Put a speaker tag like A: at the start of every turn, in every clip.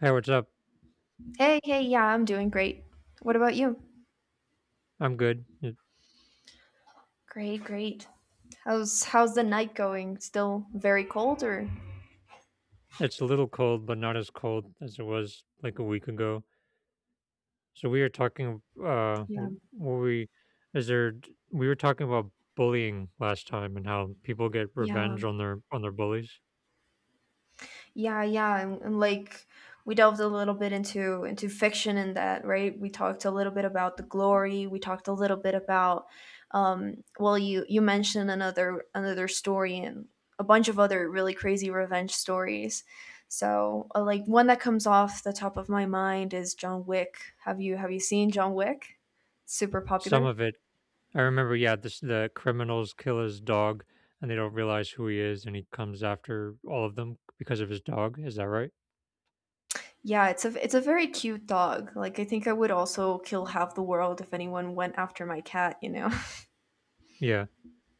A: Hey, what's up?
B: Hey, hey, yeah, I'm doing great. What about you?
A: I'm good. It,
B: Great, great. How's the night going? Still very cold or?
A: it's a little cold, but not as cold as it was like a week ago. So we were talking.
B: Yeah.
A: W- were we? We were talking about bullying last time and how people get
B: Yeah.
A: revenge on their bullies.
B: Yeah, yeah, and like we delved a little bit into fiction and that, right? We talked a little bit about the glory. We talked a little bit about, well, you mentioned another story and a bunch of other really crazy revenge stories. So, like one that comes off the top of my mind is John Wick. Have you seen John Wick? Super
A: Some
B: popular.
A: of it, I remember. Yeah, this the criminals kill his dog, and they don't realize who he is, and he comes after all of them because of his dog. Is that right?
B: Yeah, it's a very cute dog. Like I think I would also kill half the world if anyone went after my cat.
A: Yeah,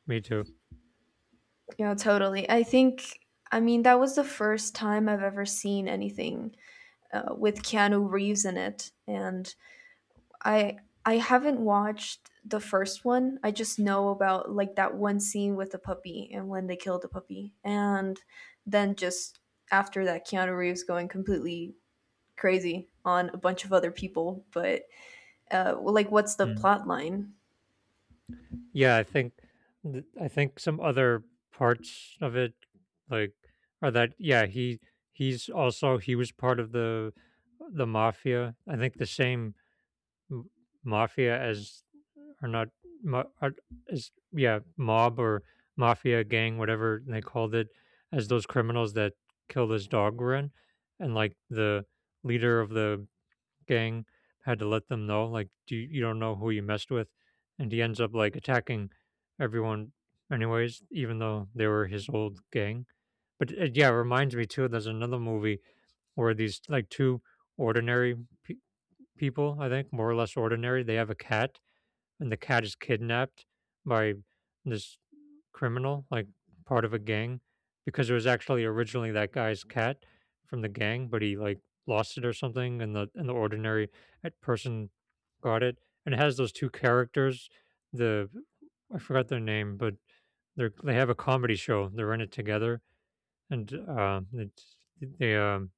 A: me too.
B: Yeah, totally. I think, I mean, that was the first time I've ever seen anything with Keanu Reeves in it, and I I haven't watched the first one. I just know about like that one scene with the puppy and when they killed the puppy, and then just after that, Keanu Reeves going completely crazy on a bunch of other people. But like, what's the
A: Mm.
B: plot line?
A: Yeah, I think th I think some other parts of it, like, are that yeah, he's also he was part of the mafia. I think the same m- mafia as or not ma- are- as yeah mob or mafia gang whatever they called it as those criminals that killed this dog were in, and like the leader of the gang had to let them know like do you, you don't know who you messed with, and he ends up like attacking everyone anyways even though they were his old gang. But it, yeah it reminds me too, there's another movie where these like two ordinary pe- people, I think, more or less ordinary. They have a cat, and the cat is kidnapped by this criminal, like part of a gang, because it was actually originally that guy's cat from the gang, but he like lost it or something, and the ordinary person got it. And it has those two characters, the I forgot their name, but they have a comedy show. They're in it together, and it's, they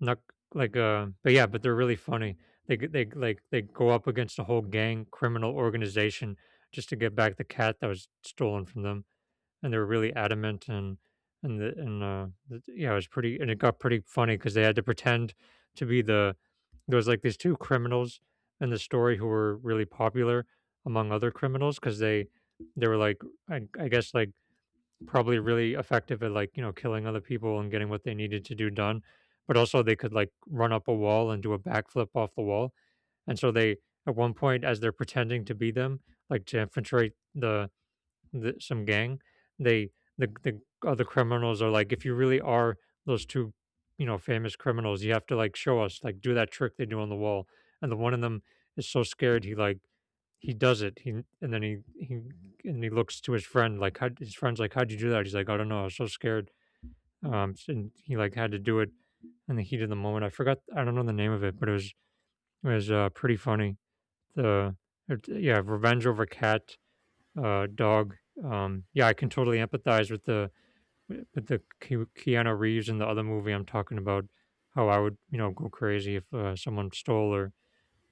A: not like, but yeah, but they're really funny. Like they go up against a whole gang criminal organization just to get back the cat that was stolen from them, and they're really adamant. Yeah, it was pretty, and it got pretty funny because they had to pretend to be the there was like these two criminals in the story who were really popular among other criminals because they were like I guess like probably really effective at like you know killing other people and getting what they needed to do done, but also they could like run up a wall and do a backflip off the wall. And so they at 1 point, as they're pretending to be them, like to infiltrate the, some gang, they the other criminals are like, if you really are those two, you know, famous criminals, you have to like show us, like do that trick they do on the wall. And the one of them is so scared he like he does it. He and he looks to his friend like how, his friend's like, how'd you do that? He's like, I don't know, I was so scared. And he like had to do it in the heat of the moment. I forgot, I don't know the name of it, but it was pretty funny. The it- yeah, Revenge Over Cat dog. Yeah, I can totally empathize with the Keanu Reeves in the other movie I'm talking about. How I would you know go crazy if someone stole or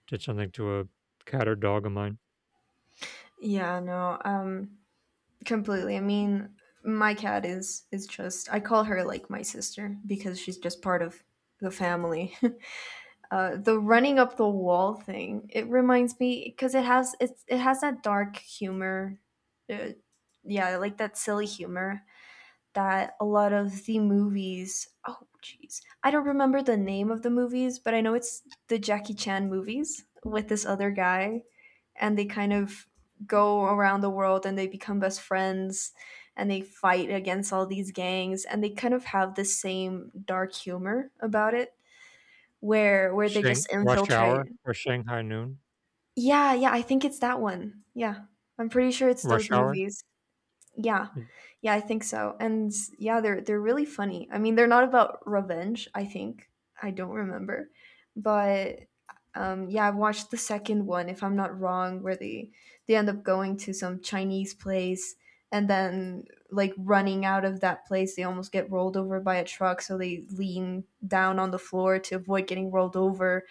A: did something to a cat or dog of mine.
B: Yeah, no. Completely. I mean, my cat is just I call her like my sister because she's just part of the family. The running up the wall thing it reminds me because it has that dark humor, uh, yeah, like that silly humor that a lot of the movies. Oh jeez, I don't remember the name of the movies, but I know it's the Jackie Chan movies with this other guy, and they kind of go around the world and they become best friends, and they fight against all these gangs and they kind of have the same dark humor about it, where they
A: Shang
B: just
A: Rush Hour
B: infiltrate.
A: or Shanghai Noon?
B: Yeah, yeah, I think it's that one. Yeah, I'm pretty sure it's those
A: Rush Hour?
B: movies. Yeah. Yeah, I think so. And yeah, they're really funny. I mean, they're not about revenge, I think. I don't remember. But yeah, I've watched the second one if I'm not wrong, where they end up going to some Chinese place, and then like running out of that place, they almost get rolled over by a truck, so they lean down on the floor to avoid getting rolled over.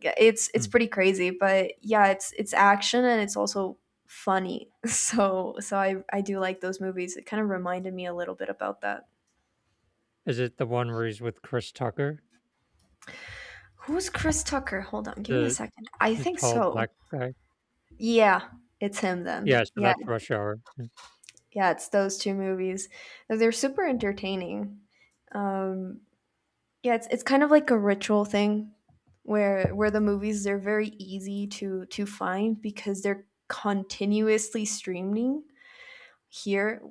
B: Yeah, it's
A: Hmm.
B: pretty crazy, but yeah, it's action and it's also funny. So I do like those movies. It kind of reminded me a little bit about that.
A: Is it the one where he's with Chris Tucker,
B: Who's Chris Tucker? Hold on, give me a
A: the
B: second. I
A: the
B: think
A: tall
B: so.
A: black guy?
B: Yeah, it's him
A: Yeah,
B: then.
A: so
B: Yeah.
A: that's Rush Hour. Mm.
B: Yeah, it's those two movies. They're super entertaining. um yeah, it's kind of like a ritual thing, where the movies, they're very easy to find because they're continuously streaming here.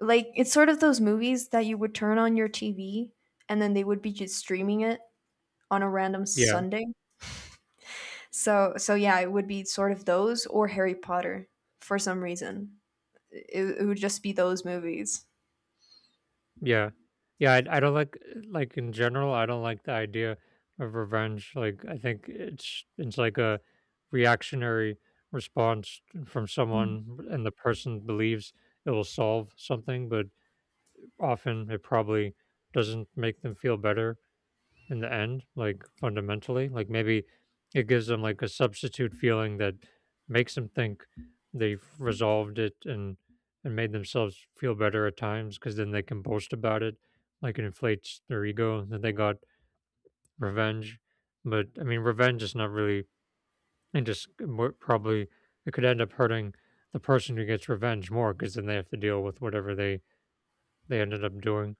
B: Like it's sort of those movies that you would turn on your TV, and then they would be just streaming it on a random
A: Yeah,
B: Sunday. So so yeah, it would be sort of those or Harry Potter for some reason. It would just be those movies.
A: yeah. Yeah, I don't like in general, I don't like the idea of revenge. Like, I think it's like a reactionary response from
B: Mm.
A: someone, and the person believes it will solve something, but often it probably doesn't make them feel better in the end, like fundamentally. Like maybe it gives them like a substitute feeling that makes them think they've resolved it, and made themselves feel better at times because then they can boast about it. Like it inflates their ego that they got revenge. But I mean, revenge is not really, probably it could end up hurting the person who gets revenge more because then they have to deal with whatever they ended up doing.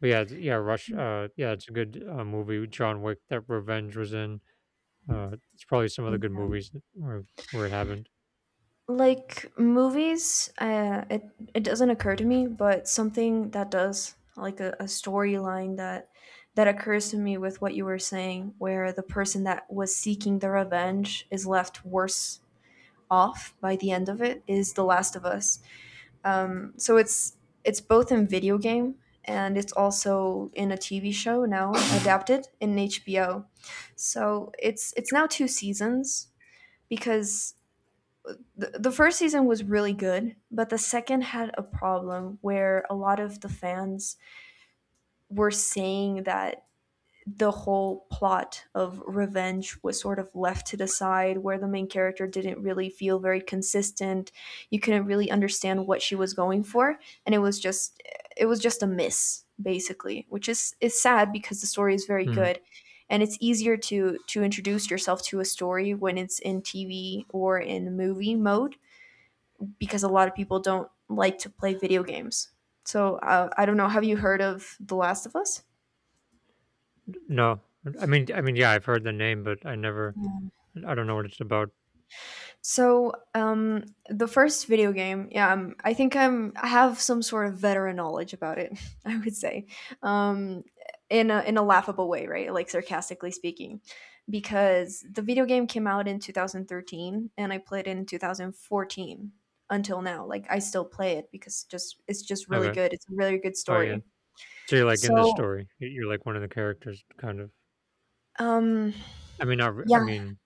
A: But yeah, yeah, Rush. Yeah, it's a good movie. John Wick that revenge was in. It's probably some other good movies where it happened.
B: Like movies, it it doesn't occur to me, but something that does, like a storyline that that occurs to me with what you were saying, where the person that was seeking the revenge is left worse off by the end of it is The Last of Us. So it's both in video game and it's also in a TV show now adapted in HBO. So it's now two seasons because the first season was really good, but the second had a problem where a lot of the fans were saying that the whole plot of revenge was sort of left to the side, where the main character didn't really feel very consistent. You couldn't really understand what she was going for, and it was just a miss, basically, which is sad because the story is very
A: Mm.
B: good, and it's easier to introduce yourself to a story when it's in TV or in movie mode, because a lot of people don't like to play video games. So I don't know, have you heard of The Last of Us?
A: No, yeah, I've heard the name, but I don't know what it's about.
B: So, the first video game, yeah, I think I'm I have some sort of veteran knowledge about it. I would say, um, in a laughable way, right? Like sarcastically speaking, because the video game came out in 2013 and I played it in 2014 until now. Like I still play it because just it's just really
A: Okay,
B: good. It's a really good
A: oh yeah,
B: story.
A: so you're like in the
B: So,
A: story. You're like one of the characters, kind of.
B: um,
A: I mean, not, re- I
B: yeah.
A: mean,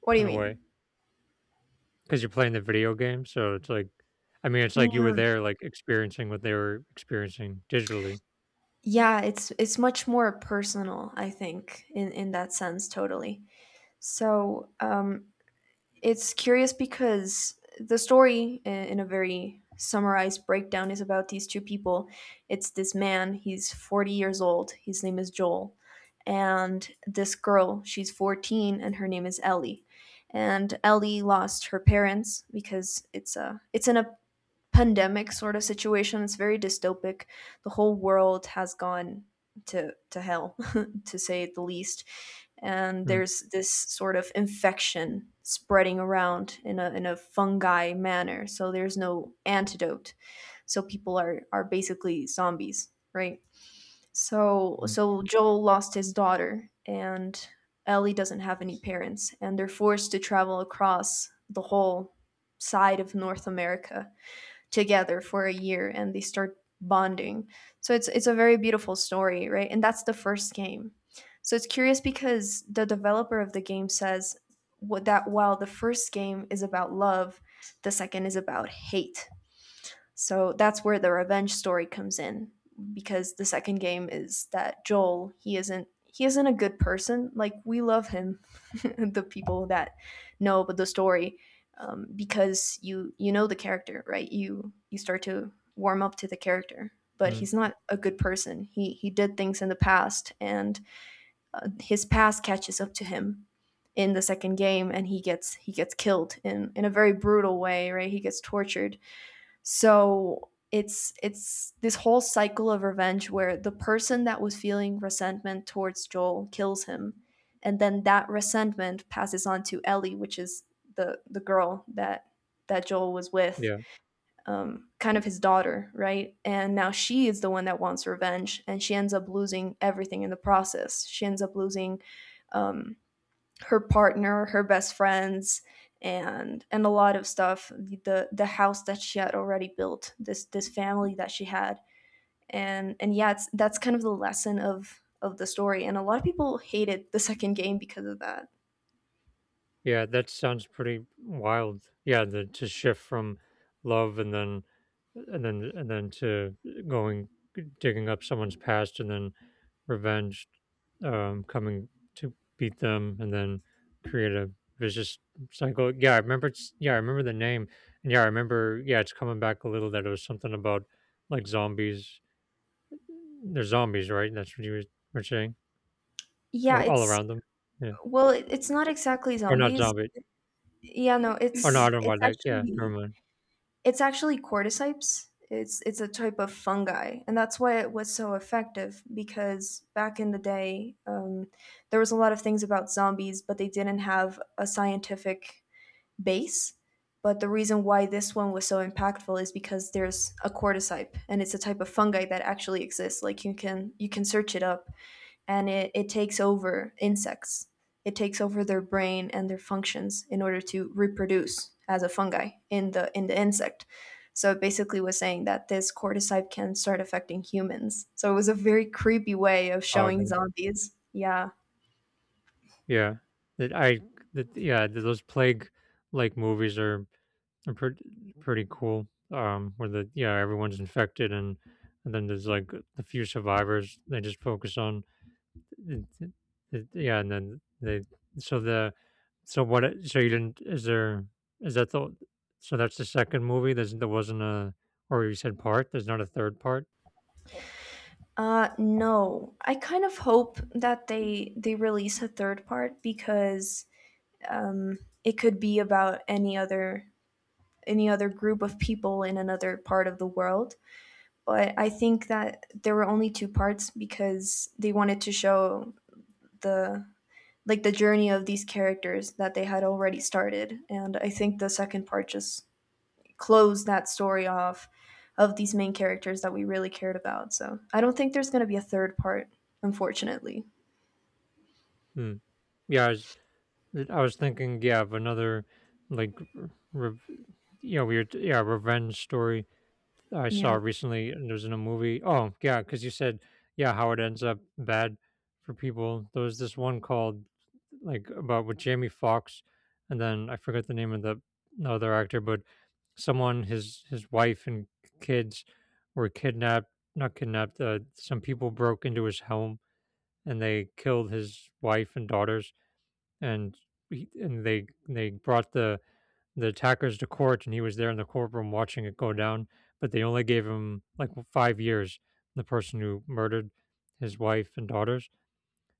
B: What do you
A: in a
B: mean?
A: way, because you're playing the video game, so it's like, I mean, it's like you were
B: Mm,
A: there, like experiencing what they were experiencing digitally.
B: yeah, it's much more personal, I think, in that sense, totally. So it's curious because the story, I- in a very summarized breakdown, is about these two people. It's this man, he's 40 years old, his name is Joel, and this girl, she's 14, and her name is Ellie. And Ellie lost her parents because it's a it's an pandemic sort of situation. It's very dystopic. The whole world has gone to hell, to say the least. And there's this sort of infection spreading around in a fungi manner. So there's no antidote. So people are basically zombies, right? So
A: Mm-hmm.
B: so Joel lost his daughter, and Ellie doesn't have any parents, and they're forced to travel across the whole side of North America together for a year, and they start bonding. So it's a very beautiful story, right? And that's the first game. So it's curious because the developer of the game says what, that while the first game is about love, the second is about hate. So that's where the revenge story comes in, because the second game is that Joel, he isn't a good person. Like we love him, the people that know about the story, because you know the character, right? You start to warm up to the character, but he's not a good person. He did things in the past, and his past catches up to him in the second game, and he gets killed in a very brutal way, right? He gets tortured, so it's this whole cycle of revenge where the person that was feeling resentment towards Joel kills him, and then that resentment passes on to Ellie, which is the girl that that Joel was with,
A: Yeah.
B: kind of his daughter, right? And now she is the one that wants revenge, and she ends up losing everything in the process. She ends up losing um, her partner, her best friends, and a lot of stuff. The house that she had already built, this family that she had, and yeah, it's, that's kind of the lesson of the story. And a lot of people hated the second game because of that.
A: Yeah, that sounds pretty wild. Yeah, the to shift from love and then to going digging up someone's past and then revenge coming to beat them, and then create a vicious cycle. Yeah, I remember it's yeah, I remember the name. And yeah, I remember yeah, it's coming back a little that it was something about like zombies. They're zombies, right? That's what you were saying.
B: Yeah,
A: Or all
B: it's
A: around them. Yeah.
B: well, it, it's not exactly
A: Or not
B: zombies.
A: zombie.
B: Yeah, no,
A: Or no, I don't
B: it's
A: mind like yeah, never
B: actually
A: mind.
B: it's actually cordyceps. It's a type of fungi, and that's why it was so effective. Because back in the day, there was a lot of things about zombies, but they didn't have a scientific base. But the reason why this one was so impactful is because there's a cordyceps, and it's a type of fungi that actually exists. Like you can search it up, and it takes over insects. It takes over their brain and their functions in order to reproduce as a fungi in the insect. So it basically was saying that this cordyceps can start affecting humans. So it was a very creepy way of showing
A: Oh
B: zombies. Yeah.
A: yeah, that I that yeah, th those plague like movies are pretty pretty cool. Where the yeah everyone's infected, and then there's like the few survivors they just focus on. It, it, yeah, and then they so the so what so you didn't is there is that the so that's the second movie, there's there wasn't a or you said part, there's not a third part.
B: No. I kind of hope that they release a third part because um it could be about any other group of people in another part of the world. But I think that there were only two parts because they wanted to show the like the journey of these characters that they had already started. And I think the second part just closed that story off of these main characters that we really cared about. So I don't think there's gonna be a third part, unfortunately.
A: Hmm. yeah I was, I was thinking, yeah, of another like, r- rev you know, weird, yeah, revenge story I saw
B: Yeah.
A: recently. And it was in a movie. Oh, yeah, because you said, yeah, how it ends up bad for people. There was this one called like about with Jamie Foxx, and then I forget the name of the other actor, but someone, his wife and kids were kidnapped, not kidnapped. Some people broke into his home, and they killed his wife and daughters. and and they brought the attackers to court, and he was there in the courtroom watching it go down. But they only gave him like 5 years. The person who murdered his wife and daughters,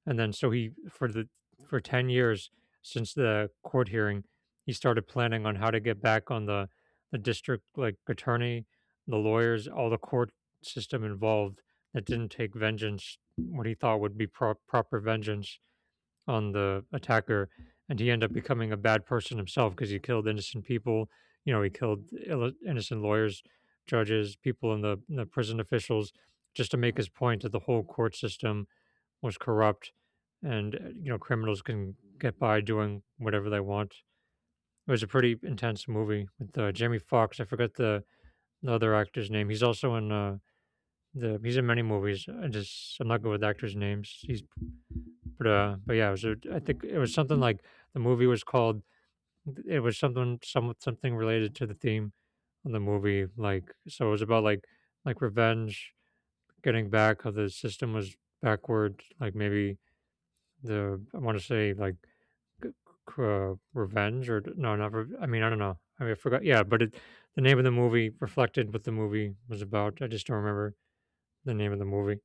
A: and then so he for the for 10 years since the court hearing, he started planning on how to get back on the district like attorney, the lawyers, all the court system involved, that didn't take vengeance, what he thought would be proper vengeance on the attacker. And he ended up becoming a bad person himself because he killed innocent people. You know, he killed innocent lawyers, judges, people in the prison officials, just to make his point that the whole court system was corrupt, and you know, criminals can get by doing whatever they want. It was a pretty intense movie with Jamie Foxx. I forget the other actor's name. He's also in the he's in many movies. I just I'm not good with actors' names. He's but Yeah, it was. A, I think it was something like the movie was called. It was something, some something related to the theme of the movie. Like so, it was about like revenge, getting back how the system was backward. Like maybe the I want to say like c- revenge or no, not. I mean, I don't know. I mean, I forgot. Yeah, but it, the name of the movie reflected what the movie was about. I just don't remember the name of the movie.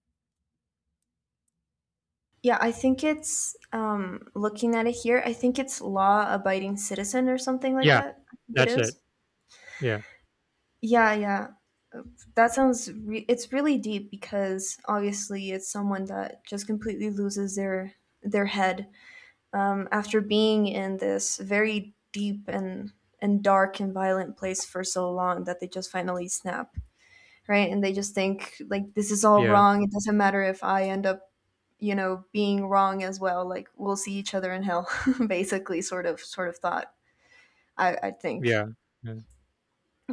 B: Yeah, I think it's looking at it here, I think it's Law Abiding Citizen or something like
A: Yeah,
B: that. I think it
A: that's it.
B: is.
A: Yeah,
B: Yeah, yeah. That sounds re- it's really deep because obviously it's someone that just completely loses their head after being in this very deep and dark and violent place for so long that they just finally snap, right? And they just think like this is all
A: yeah,
B: wrong. It doesn't matter if I end up you know, being wrong as well. Like we'll see each other in hell, basically, sort of thought. I think.
A: yeah, yeah.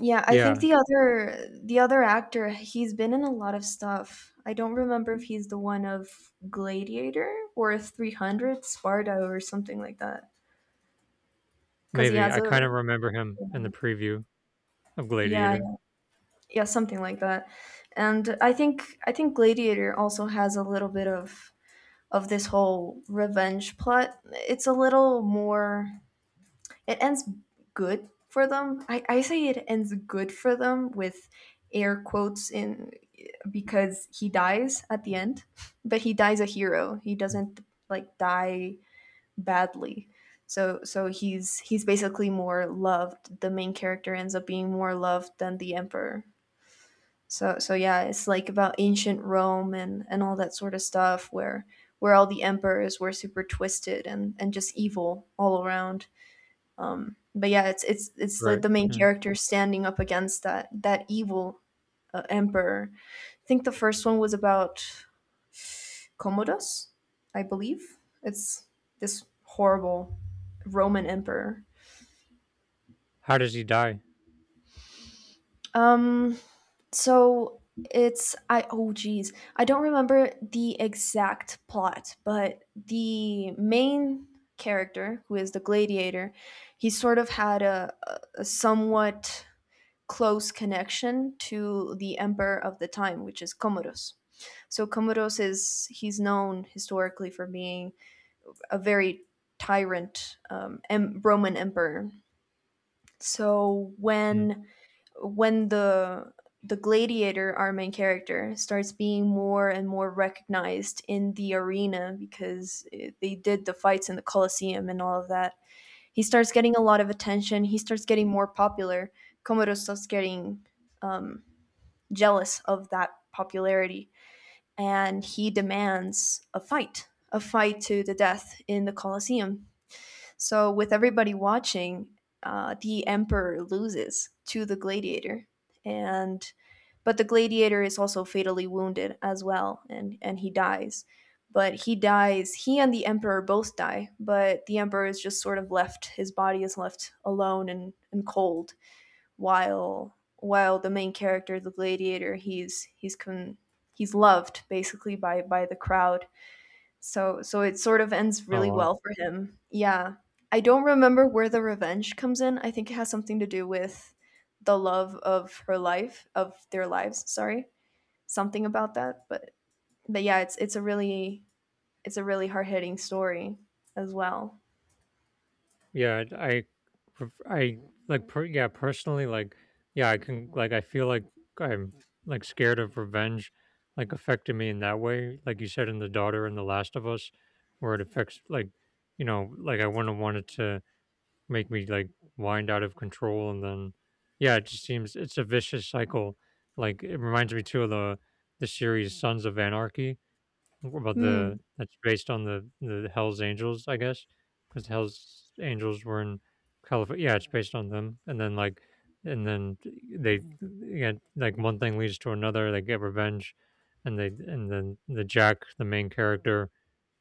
B: Yeah, I think
A: Yeah.
B: the other actor, he's been in a lot of stuff. I don't remember if he's the one of Gladiator or if 300 Sparta or something like that. Cuz he
A: Maybe,
B: has
A: I
B: a
A: kinda remember him in the preview of
B: yeah,
A: Gladiator.
B: yeah, something like that. And I think Gladiator also has a little bit of this whole revenge plot. It's a little more it ends good for them. I say it ends good for them with air quotes in because he dies at the end, but he dies a hero. He
A: Mm.
B: doesn't like die badly. So he's basically more loved. The main character ends up being more loved than the emperor. So yeah, it's like about ancient Rome and all that sort of stuff where all the emperors were super twisted and just evil all around, but yeah, it's like
A: Right,
B: the main
A: yeah.
B: character standing up against that evil emperor. I think the first one was about Commodus, I believe. It's this horrible Roman emperor.
A: How does he die?
B: Um, so it's I oh geez, I don't remember the exact plot, but the main character who is the gladiator, he sort of had a somewhat close connection to the emperor of the time, which is Commodus. So Commodus is, he's known historically for being a very tyrant, Roman emperor. So
A: Mm.
B: when the gladiator, our main character, starts being more and more recognized in the arena because they did the fights in the Colosseum and all of that. He starts getting a lot of attention. He starts getting more popular. Commodus starts getting um, jealous of that popularity, and he demands a fight to the death in the Colosseum. So, with everybody watching, the emperor loses to the gladiator, and but the gladiator is also fatally wounded as well, and he dies. But he dies. He and the emperor both die, but the emperor is just sort of left. His body is left alone and cold while the main character, the gladiator, he's loved basically by the crowd. So it sort of ends
A: Oh,
B: really
A: wow.
B: well for him. Yeah. I don't remember where the revenge comes in. I think it has something to do with the love of her life, of their lives, sorry. Something about that, but yeah, it's a really it's a really hard-hitting story as well.
A: Yeah, pref I, personally, I can I feel like I'm scared of revenge, like, affecting me in that way, like you said in The Daughter and The Last of Us, where it affects, I wouldn't want it to make me wind out of control. And then yeah it just seems it's a vicious cycle. Like it reminds me too of the series Sons of Anarchy. About
B: Hmm.
A: the That's based on the Hells Angels, I guess, because the Hells Angels were in California. Yeah, it's based on them. And then like and then they Yeah, like, one thing leads to another, they get revenge. And they and then the main character,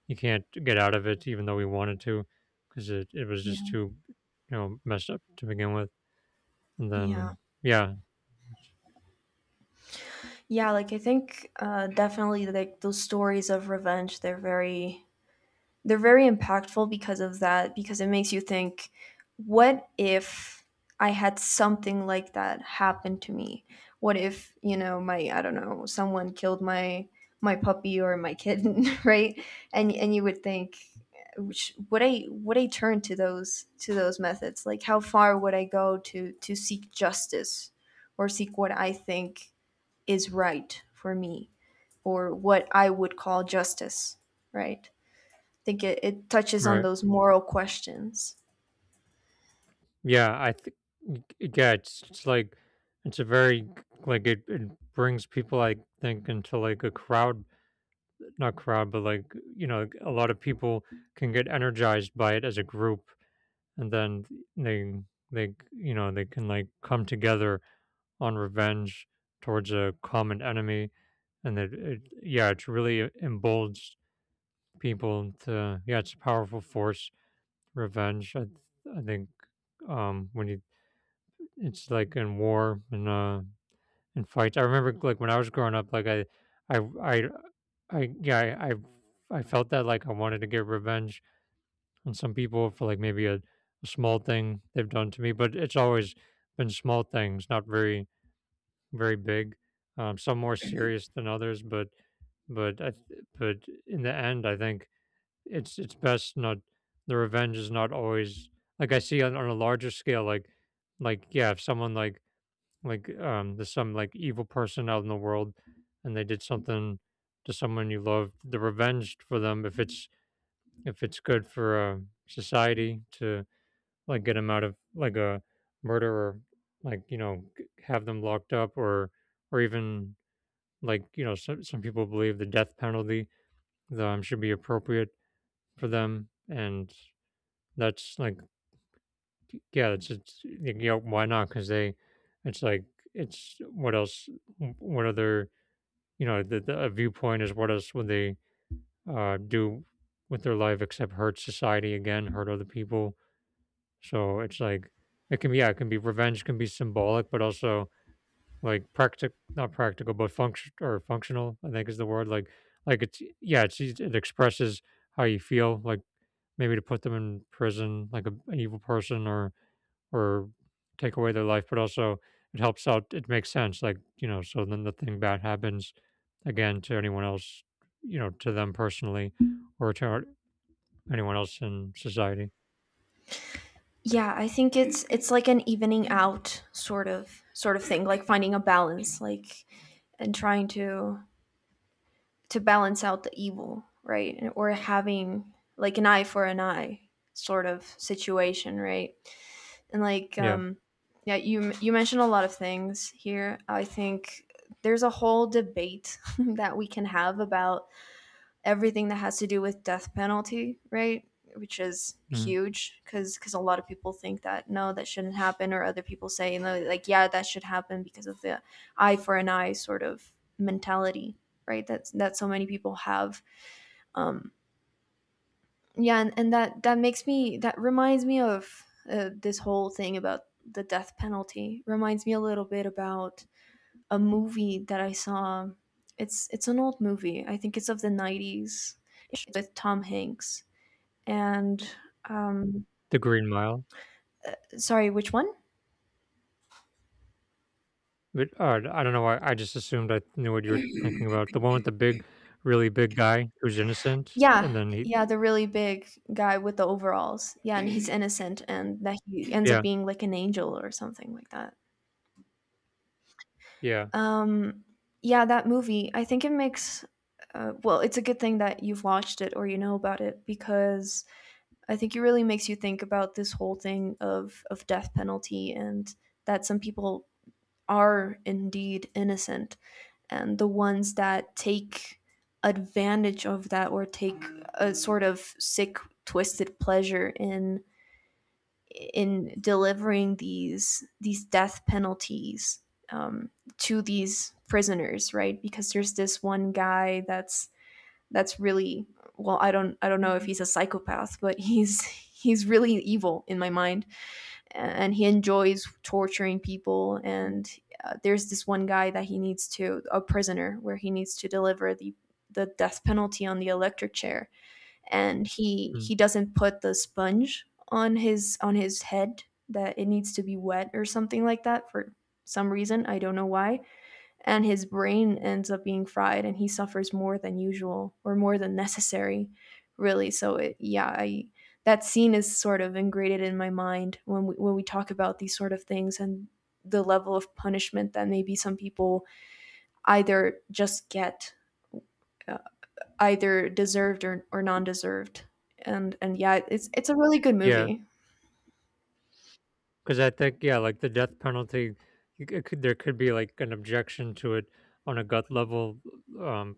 A: you can't get out of it even though we wanted to, because it was just
B: Yeah.
A: too, you know, messed up to begin with. And
B: Yeah.
A: then yeah
B: Yeah, like I think, definitely like those stories of revenge, they're very impactful because of that, because it makes you think, what if I had something like that happen to me? What if, you know, my, I don't know, someone killed my my puppy or my kitten, right? And you would think, which would I, would I turn to those methods? Like how far would I go to seek justice or seek what I think is right for me, or what I would call justice, right? I think it touches on
A: Right.
B: those moral questions.
A: Yeah, I think, yeah it's like, it's a very, it brings people, I think, into like a crowd. Not crowd, but like, you know, like, a lot of people can get energized by it as a group. And then they they, you know, they can, like, come together on revenge towards a common enemy. And it yeah it's really emboldens people to, yeah, it's a powerful force, revenge. I think, when you, it's like in war and in fights. I remember, like, when I was growing up, like, i i, I yeah I, I I felt that, like, I wanted to get revenge on some people for like maybe a small thing they've done to me, but it's always been small things, not very big. Some more serious than others. But I th- but In the end, I think it's best not. The revenge is not always, like I see, on a larger scale. Yeah, if someone there's some like evil person out in the world, and they did something to someone you love, the revenge for them, if it's, if it's good for society to like get them out of, like, a murderer, like, you know, have them locked up, or even, like, you know, some people believe the death penalty should be appropriate for them. And that's like, yeah, it's like, yeah, why not? Because it's like, it's what else, what other, you know, the a viewpoint is, what else would they do with their life except hurt society again, hurt other people. So it's like, it can be, yeah, it can be revenge, can be symbolic, but also like not practical, but function or functional, I think is the word. Like, yeah, it's, it expresses how you feel. Like, maybe to put them in prison, like an evil person, or take away their life. But also it helps out, it makes sense, like, you know, so then nothing bad happens again to anyone else, you know, to them personally or to anyone else in society.
B: Yeah, I think it's like an evening out sort of thing, like finding a balance, like and trying to balance out the evil, right? And, or having like an eye for an eye sort of situation, right? And like,
A: Yeah.
B: yeah, you mentioned a lot of things here. I think there's a whole debate that we can have about everything that has to do with death penalty, right? Which is
A: Mhm.
B: huge, because a lot of people think that no, that shouldn't happen, or other people say, you know, like, yeah, that should happen because of the eye for an eye sort of mentality, right? That's that so many people have. um yeah, and that makes me, that reminds me of, this whole thing about, the death penalty reminds me a little bit about a movie that I saw. It's an old movie, I think it's of the 90s with Tom Hanks, and um
A: The Green Mile.
B: sorry, which one?
A: But I don't know why, I just assumed I knew what you were thinking about, the one with the big, really big guy who's innocent, and
B: Yeah,
A: then he.
B: yeah, the really big guy with the overalls, yeah, and he's innocent, and that he ends up
A: Yeah,
B: being like an angel or something like that.
A: yeah.
B: Um, yeah, that movie. I think it makes. Well, it's a good thing that you've watched it or you know about it, because I think it really makes you think about this whole thing of death penalty, and that some people are indeed innocent, and the ones that take advantage of that, or take a sort of sick twisted pleasure in delivering these death penalties, um, to these prisoners, right? Because there's this one guy that's really, well, I don't know if he's a psychopath, but he's he's really evil in my mind, and he enjoys torturing people. And there's this one guy that he needs to, a prisoner where he needs to deliver the death penalty on the electric chair, and he
A: Mm,
B: he doesn't put the sponge on his head, that it needs to be wet or something like that for some reason, I don't know why. And his brain ends up being fried, and he suffers more than usual or more than necessary, really. So it, yeah, I, that scene is sort of ingrained in my mind when we talk about these sort of things, and the level of punishment that maybe some people either just get, uh, either deserved or non-deserved. And yeah, it's a really good
A: yeah.
B: movie.
A: Because I think, yeah, like the death penalty, it could, there could be like an objection to it on a gut level. Um,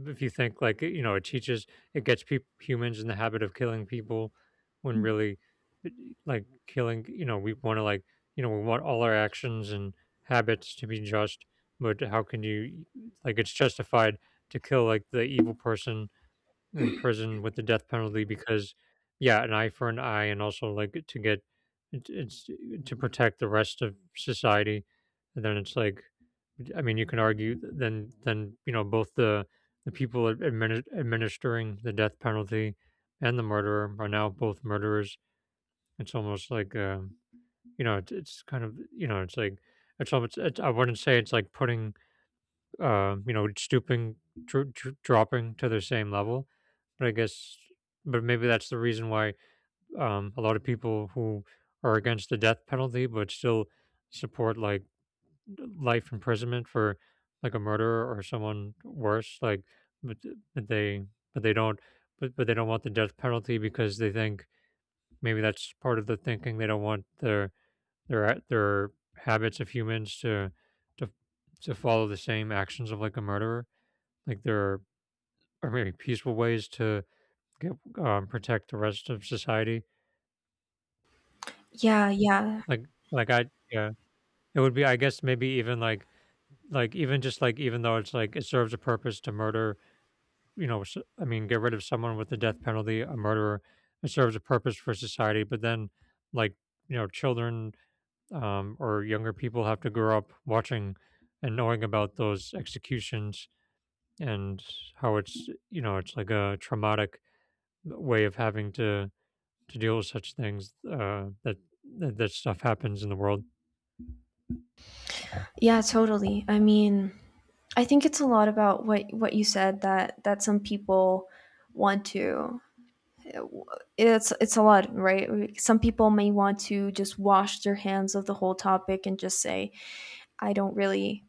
A: if you think, like, you know, it teaches, it gets peop humans in the habit of killing people, when really, like killing, you know, we want to like, you know, we want all our actions and habits to be just. But how can you, like, it's justified to kill, like, the evil person in prison with the death penalty, because, yeah, an eye for an eye, and also like to get it's to protect the rest of society. And then it's like, I mean, you can argue then, you know, both the people administering the death penalty and the murderer are now both murderers. It's almost like, you know, it's kind of, you know, it's like, I wouldn't say it's like putting you know, stooping, dropping to the same level. But I guess, but maybe that's the reason why, a lot of people who are against the death penalty but still support like life imprisonment for like a murderer or someone worse, like, but, but they but they don't but they don't want the death penalty because they think, maybe that's part of the thinking, they don't want their their their habits of humans to to to follow the same actions of like a murderer. Like, there are maybe peaceful ways to G protect the rest of society.
B: Yeah, yeah,
A: Like like I yeah, it would be, I guess maybe even like even just like, even though it's like it serves a purpose to murder, you know, s I mean, get rid of someone with the death penalty, a murderer, it serves a purpose for society, but then, like, you know, children, or younger people have to grow up watching and knowing about those executions, and how it's, you know, it's like a traumatic way of having to deal with such things, that that stuff happens in the world.
B: yeah, totally, I mean, I think it's a lot about what you said, that that some people want to, it's a lot, right? Some people may want to just wash their hands of the whole topic, and just say, i don't really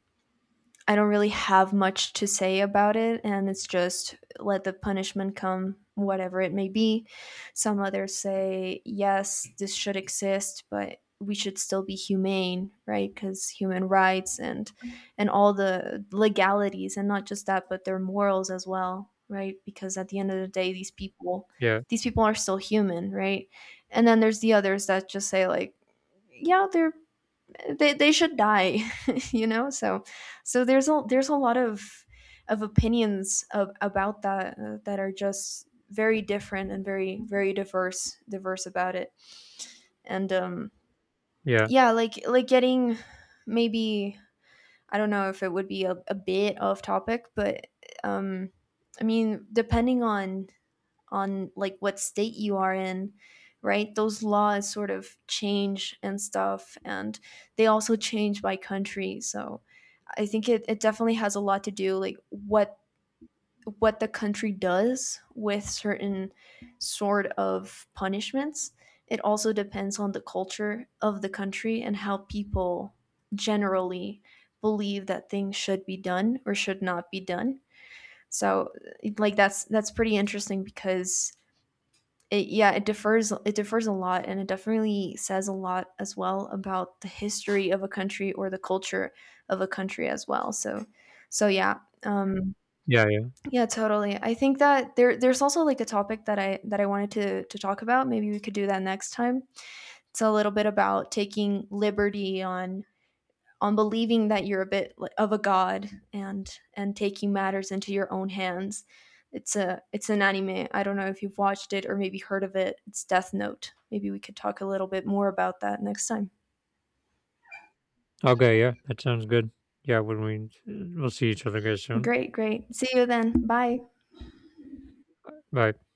B: I don't really have much to say about it, and it's just let the punishment come, whatever it may be. Some others say, yes, this should exist, but we should still be humane, right? Because human rights and all the legalities, and not just that, but their morals as well, right? Because at the end of the day, these people,
A: Yeah,
B: these people are still human, right? And then there's the others that just say like, yeah, they're, they should die, you know. So so there's a, there's a lot of opinions of, about that, that are just very different, and very, very diverse diverse about it. And
A: yeah,
B: yeah, like getting, maybe, I don't know if it would be a bit off topic, but um I mean, depending on like what state you are in, right, those laws sort of change and stuff, and they also change by country. So I think it definitely has a lot to do like what the country does with certain sort of punishments. It also depends on the culture of the country, and how people generally believe that things should be done or should not be done. So, like, that's pretty interesting, because it, yeah, it differs. It differs a lot, and it definitely says a lot as well about the history of a country, or the culture of a country as well. So, so yeah, um,
A: yeah, yeah.
B: yeah, totally. I think that there, there's also like a topic that I wanted to talk about. Maybe we could do that next time. It's a little bit about taking liberty on believing that you're a bit of a god, and taking matters into your own hands. It's a, it's an anime. I don't know if you've watched it or maybe heard of it. It's Death Note. Maybe we could talk a little bit more about that next time.
A: Okay, yeah, that sounds good. Yeah, when we'll see each other guys soon.
B: Great, great. See you then. Bye.
A: Bye.